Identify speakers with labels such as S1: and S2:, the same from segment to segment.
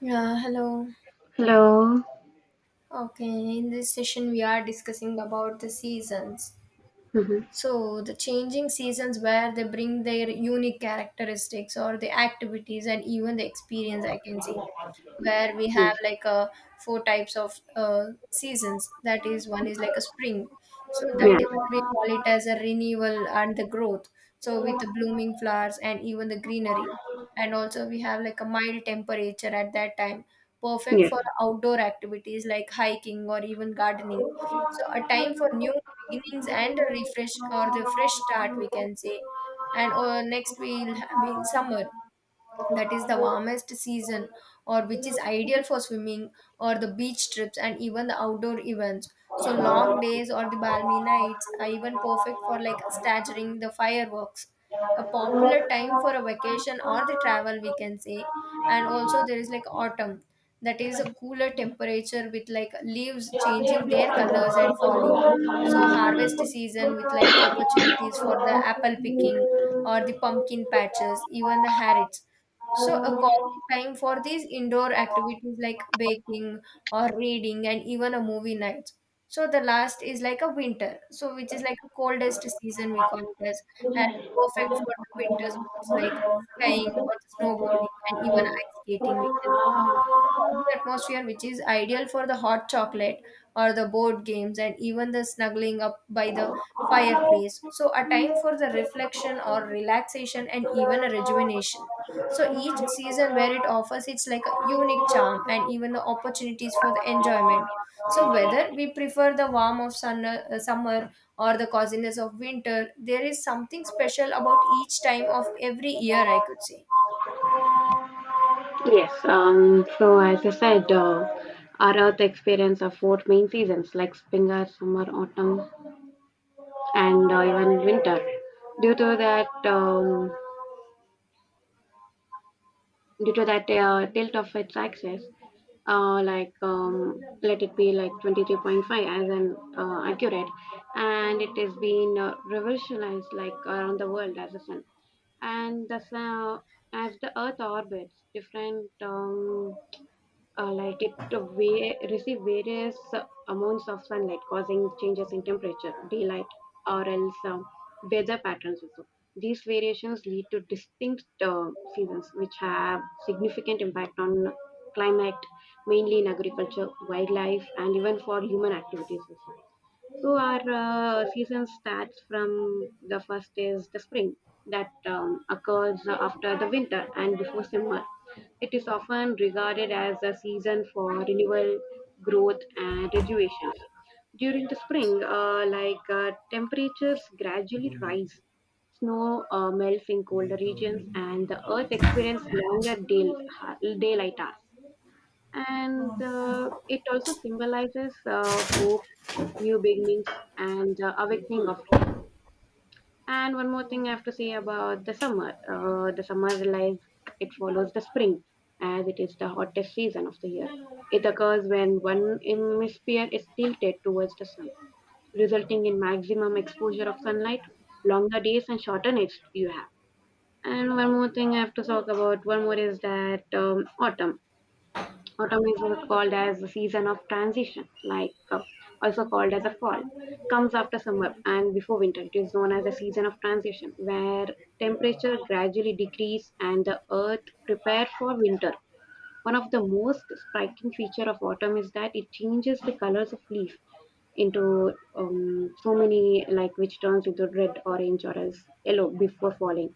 S1: Yeah, hello.
S2: Hello.
S1: Okay, in this session we are discussing about the seasons.
S2: hmm
S1: So the changing seasons where they bring their unique characteristics or the activities and even the experience, I can say, where we have four types of seasons. That is, one is like a spring, so that
S2: Yes.
S1: is where we call it as a renewal and the growth, so with the blooming flowers and even the greenery, and also we have like a mild temperature at that time, perfect
S2: Yeah.
S1: for outdoor activities like hiking or even gardening. So a time for new beginnings and a refresh or the fresh start, we can say. And next we'll have in summer. That is the warmest season, or which is ideal for swimming or the beach trips and even the outdoor events. So long days or the balmy nights are even perfect for like staggering the fireworks, a popular time for a vacation or the travel, we can say. And also there is like autumn. That is a cooler
S2: Yes.
S1: temperature with like leaves changing their
S2: Thank
S1: colors and falling, so harvest season with like opportunities for the apple picking or the pumpkin patches, even the harrods. So a coffee time for these indoor activities like baking or reading and even a movie night. So the last is like a winter, so which is like a coldest season, we call it as, and perfect for the winter sports like skiing or snowboarding and even ice skating, we can say. So cozy atmosphere, which is ideal for the hot chocolate or the board games and even the snuggling up by the fireplace. So a time for the reflection or relaxation and even a rejuvenation. So each season, where it offers it's like a unique charm and even the opportunities for the enjoyment.
S2: you.
S1: So whether we prefer the warm of summer or the coziness of winter, there is something special about each time of every year, I could say.
S2: Yes, so as I said, our Earth experiences four main seasons like spring, summer, autumn, and even winter. Due to that, tilt of its axis, let it be like 23.5 as an accurate, and it is being revolutionized like around the world as a sun. And the sun, as the Earth orbits different. Like it receive various amounts of sunlight causing changes in temperature daylight or else weather patterns also these variations lead to distinct seasons which have significant impact on climate mainly in agriculture wildlife and even for human activities also. So our season starts from the first is the spring that occurs after the winter and before summer. It is often regarded as a season for renewal, growth, and rejuvenation. During the spring, temperatures gradually rise, snow melts in colder regions, and the earth experiences longer daylight hours. And it also symbolizes hope, new beginnings, and awakening of life. And one more thing I have to say about the summer. The summer lies it follows the spring, as it is the hottest season of the year. It occurs when one hemisphere is tilted towards the sun, resulting in maximum exposure of sunlight, longer days, and shorter nights you have. And one more thing I have to talk about. One more is that autumn. Autumn is called as the season of transition, also called as a fall. Comes after summer and before winter. It is known as the season of transition, where temperature gradually decrease and the earth prepare for winter. One of the most striking feature of autumn is that it changes the colors of leaf into so many like which turns into red, orange, or as yellow before falling.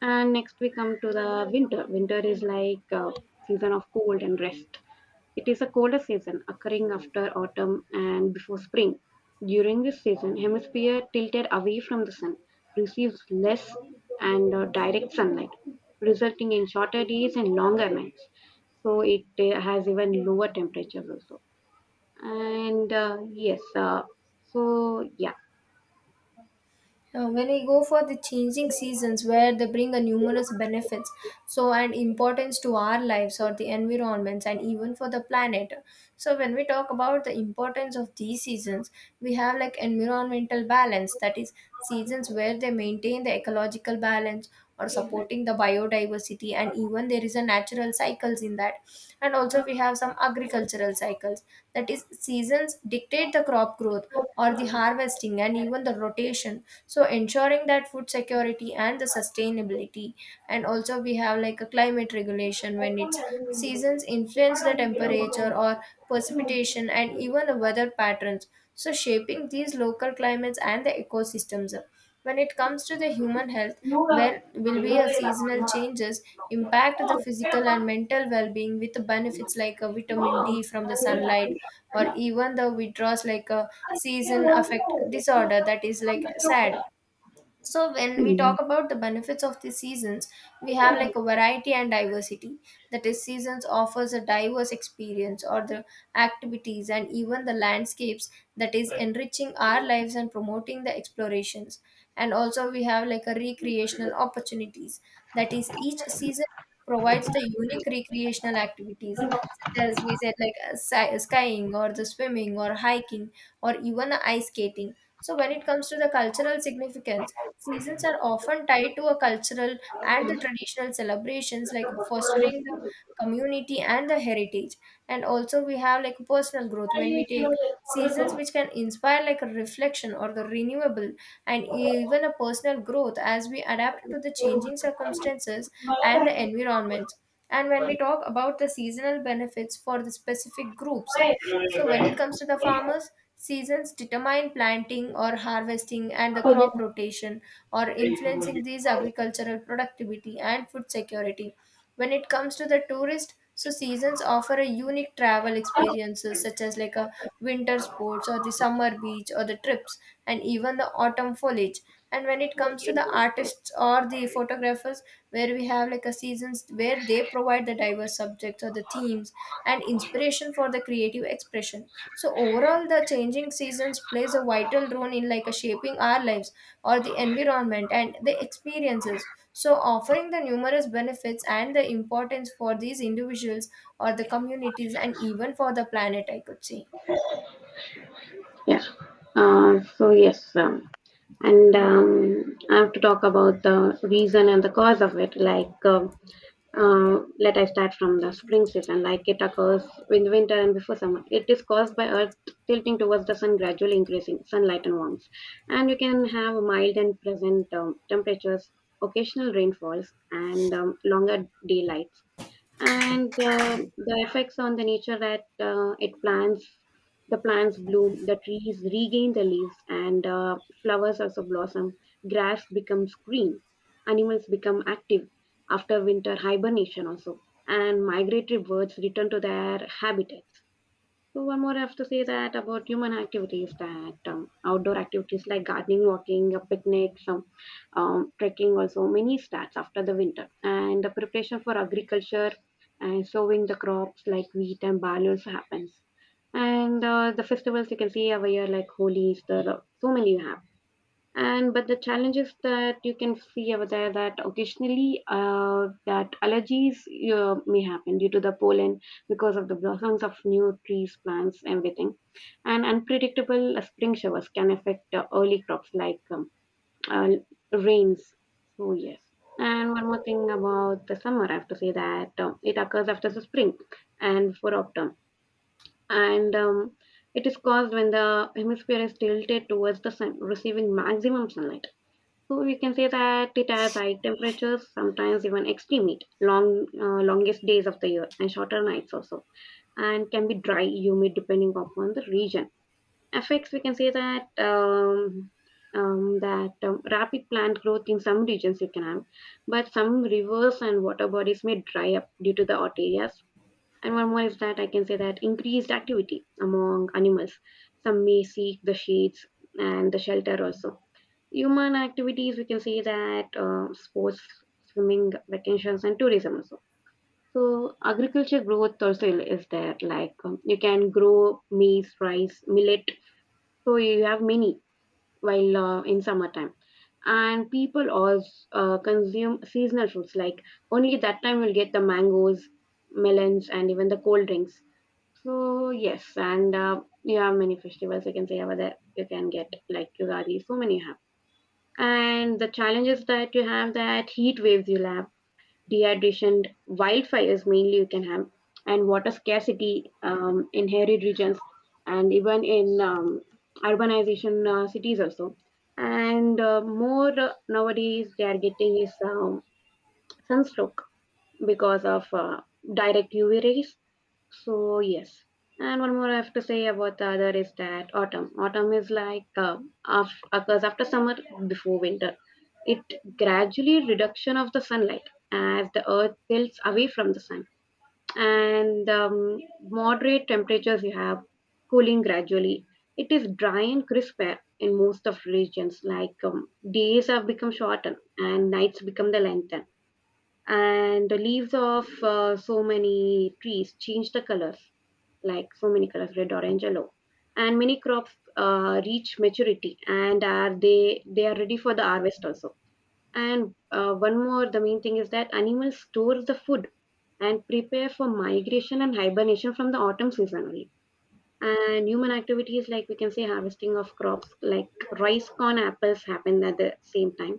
S2: And next we come to the winter. Winter is like season of cold and rest. It is a colder season, occurring after autumn and before spring. During this season, hemisphere tilted away from the sun receives less and direct sunlight, resulting in shorter days and longer nights. So it has even lower temperatures also. And so yeah.
S1: When we go for the changing seasons, where they bring a numerous benefits, so and importance to our lives or the environments and even for the planet. So when we talk about the importance of these seasons, we have like environmental balance. That is, seasons where they maintain the ecological balance or supporting the biodiversity, and even there is a natural cycles in that. And also we have some agricultural cycles. That is, seasons dictate the crop growth or the harvesting and even the rotation, so ensuring that food security and the sustainability. And also we have like a climate regulation, when its seasons influence the temperature or precipitation and even the weather patterns, so shaping these local climates and the ecosystems. When it comes to the human health, well, will be a seasonal changes impact the physical and mental well-being, with the benefits like a vitamin D from the sunlight or even the withdrawals like a season affect disorder, that is like sad. So when we talk about the benefits of the seasons, we have like a variety and diversity. That is, seasons offers a diverse experience or the activities and even the landscapes, that is enriching our lives and promoting the explorations. And also we have like a recreational opportunities. That is, each season provides the unique recreational activities, such as we said, like skiing or the swimming or hiking or even the ice skating. So, when it comes to the cultural significance, seasons are often tied to a cultural and the traditional celebrations, like fostering the community and the heritage. And also, we have like personal growth, when we take seasons which can inspire like a reflection or the renewable and even a personal growth, as we adapt to the changing circumstances and the environment. And when we talk about the seasonal benefits for the specific groups, so, when it comes to the farmers, seasons determine planting or harvesting and the
S2: Gracias.
S1: crop rotation, or influencing these agricultural productivity and food security. When it comes to the tourist, so seasons offer a unique travel
S2: Yeah.
S1: experiences, such as like a winter sports or the summer beach or the trips and even the autumn foliage. And when it comes to the artists or the photographers, where we have like a seasons where they provide the diverse subjects or the themes and inspiration for the creative expression. So overall, the changing seasons plays a vital role in like a shaping our lives or the environment and the experiences, so offering the numerous benefits and the importance for these individuals or the communities and even for the planet, I could say.
S2: So yes, and I have to talk about the reason and the cause of it. Like, let I start from the spring season. Like, it occurs in winter and before summer. It is caused by Earth tilting towards the sun, gradually increasing sunlight and warmth. And you can have mild and pleasant temperatures, occasional rainfalls, and longer daylight. And the effects on the nature that it plants the plants bloom, the trees regain the leaves, and flowers also blossom, grass becomes green, animals become active after winter hibernation also, and migratory birds return to their habitats. So one more I have to say that about human activities that outdoor activities like gardening, walking, picnics, trekking also many starts after the winter and the preparation for agriculture and sowing the crops like wheat and barley also happens. And the festivals you can see over here like Holi, Easter, so many happen. And but the challenges that you can see over there that occasionally that allergies may happen due to the pollen because of the blossoms of new trees plants everything, and unpredictable spring showers can affect early crops like uh, rains. So yes, and one more thing about the summer I have to say that it occurs after the spring and for autumn, and it is caused when the hemisphere is tilted towards the sun receiving maximum sunlight. So we can say that it has high temperatures, sometimes even extreme heat, longest days of the year, and shorter nights also, and can be dry, humid depending upon the region. Effects we can say that rapid plant growth in some regions you can have, but some rivers and water bodies may dry up due to the hot areas. And one more is that I can say that increased activity among animals. Some may seek the shades and the shelter also. Human activities, we can say that sports, swimming, vacations, and tourism also. So agriculture growth also is there. Like you can grow maize, rice, millet. So you have many while in summertime, and people also consume seasonal fruits. Like only that time you'll get the mangoes, melons, and even the cold drinks. So yes, and you have many festivals. You can say over there. You can get like Ugadi. So many you have. And the challenges that you have that heat waves you'll have, dehydration, wildfires mainly you can have, and water scarcity in arid regions, and even in urbanization cities also. And more nowadays they are getting is sunstroke because of direct UV rays. So yes, and one more I have to say about the other is that autumn. Autumn is like occurs after summer before winter. It gradually reduction of the sunlight as the earth tilts away from the sun, and moderate temperatures you have cooling gradually. It is dry and crisp air in most of regions. Like days have become shorter and nights become the length, and the leaves of so many trees change the colors like so many colors red, orange, yellow, and many crops reach maturity and are they are ready for the harvest also. And one more the main thing is that animals store the food and prepare for migration and hibernation from the autumn season only. And human activities like we can say harvesting of crops like rice, corn, apples happen at the same time,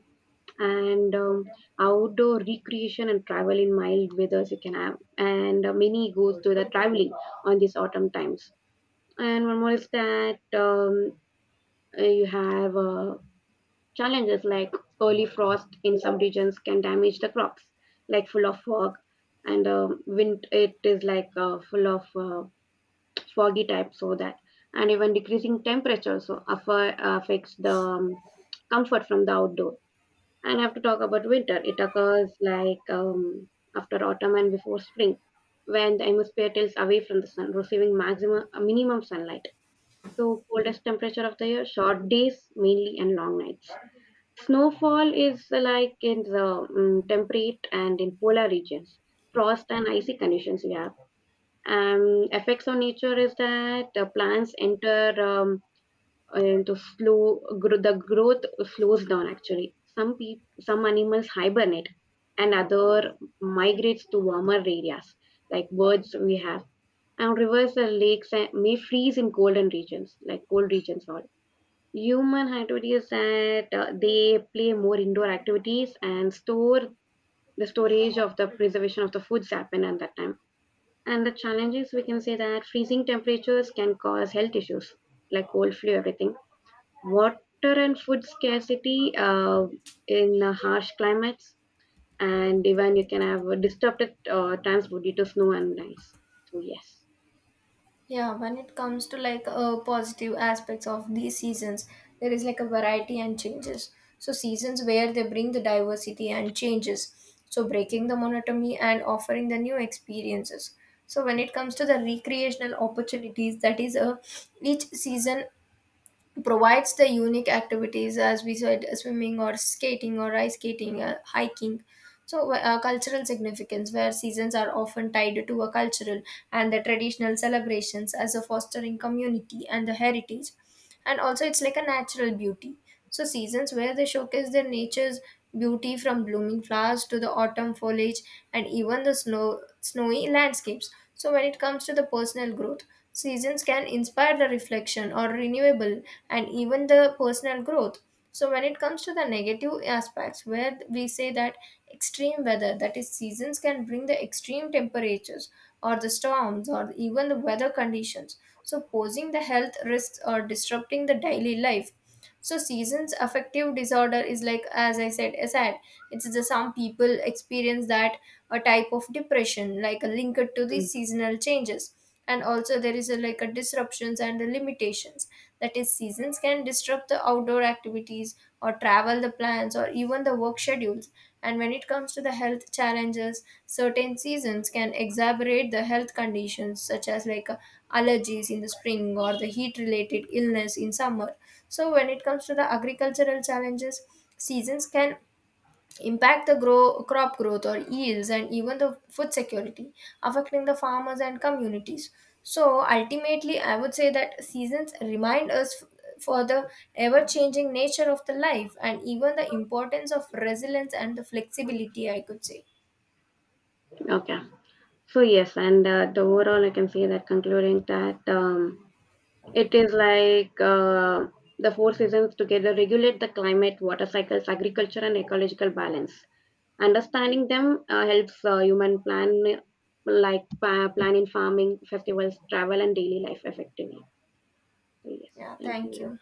S2: and outdoor recreation and travel in mild weathers you can have, and many goes to the traveling on these autumn times. And one more is that you have challenges like early frost in some regions can damage the crops, like full of fog, and wind, it is like full of foggy type so that, and even decreasing temperature so affects the comfort from the outdoor. And have to talk about winter. It occurs like after autumn and before spring, when the atmosphere tilts away from the sun, receiving maximum minimum sunlight. So coldest temperature of the year, short days mainly and long nights. Snowfall is like in the temperate and in polar regions. Frost and icy conditions we have. Effects on nature is that plants enter and the flow gro- the growth slows down actually, some animals hibernate and other migrates to warmer areas like birds we have, and rivers and lakes may freeze in golden regions like cold regions. Or human activities that they play more indoor activities and store the storage of the preservation of the foods happen at that time. And the challenges we can say that freezing temperatures can cause health issues like cold, flu, everything, water and food scarcity in harsh climates, and even you can have a disrupted transport due to snow and ice. So yes.
S1: Yeah, when it comes to positive aspects of these seasons, there is like a variety and changes. So seasons where they bring the diversity and changes, so breaking the monotony and offering the new experiences. So when it comes to the recreational opportunities, that is a each season provides the unique activities, as we said, swimming or skating or ice skating, hiking. So cultural significance, where seasons are often tied to a cultural and the traditional celebrations, as a fostering community and the heritage. And also it's like a natural beauty, so seasons where they showcase their nature's beauty, from blooming flowers to the autumn foliage and even the snowy landscapes. So when it comes to the personal growth, seasons can inspire the reflection or renewable and even the personal growth. So when it comes to the negative aspects, where we say that extreme weather, that is seasons can bring the extreme temperatures or the storms or even the weather conditions, so posing the health risks or disrupting the daily life. So seasons affective disorder is like, as I said, aside, it's the some people experience that, a type of depression, like a linked to the
S2: Mm.
S1: seasonal changes. And also there is a, like a disruptions and the limitations. That is, seasons can disrupt the outdoor activities or travel the plans or even the work schedules. And when it comes to the health challenges, certain seasons can exacerbate the health conditions, such as like allergies in the spring or the heat related illness in summer. So when it comes to the agricultural challenges, seasons can impact the crop growth or yields and even the food security, affecting the farmers and communities. So ultimately I would say that seasons remind us for the ever changing nature of the life and even the importance of resilience and the flexibility, I could say.
S2: Okay, so yes, and the overall I can say that concluding that it is like the four seasons together regulate the climate, water cycles, agriculture, and ecological balance. Understanding them helps human plan, like plan in farming, festivals, travel, and daily life effectively. So yes,
S1: Yeah,
S2: thank
S1: thank
S2: you.
S1: you.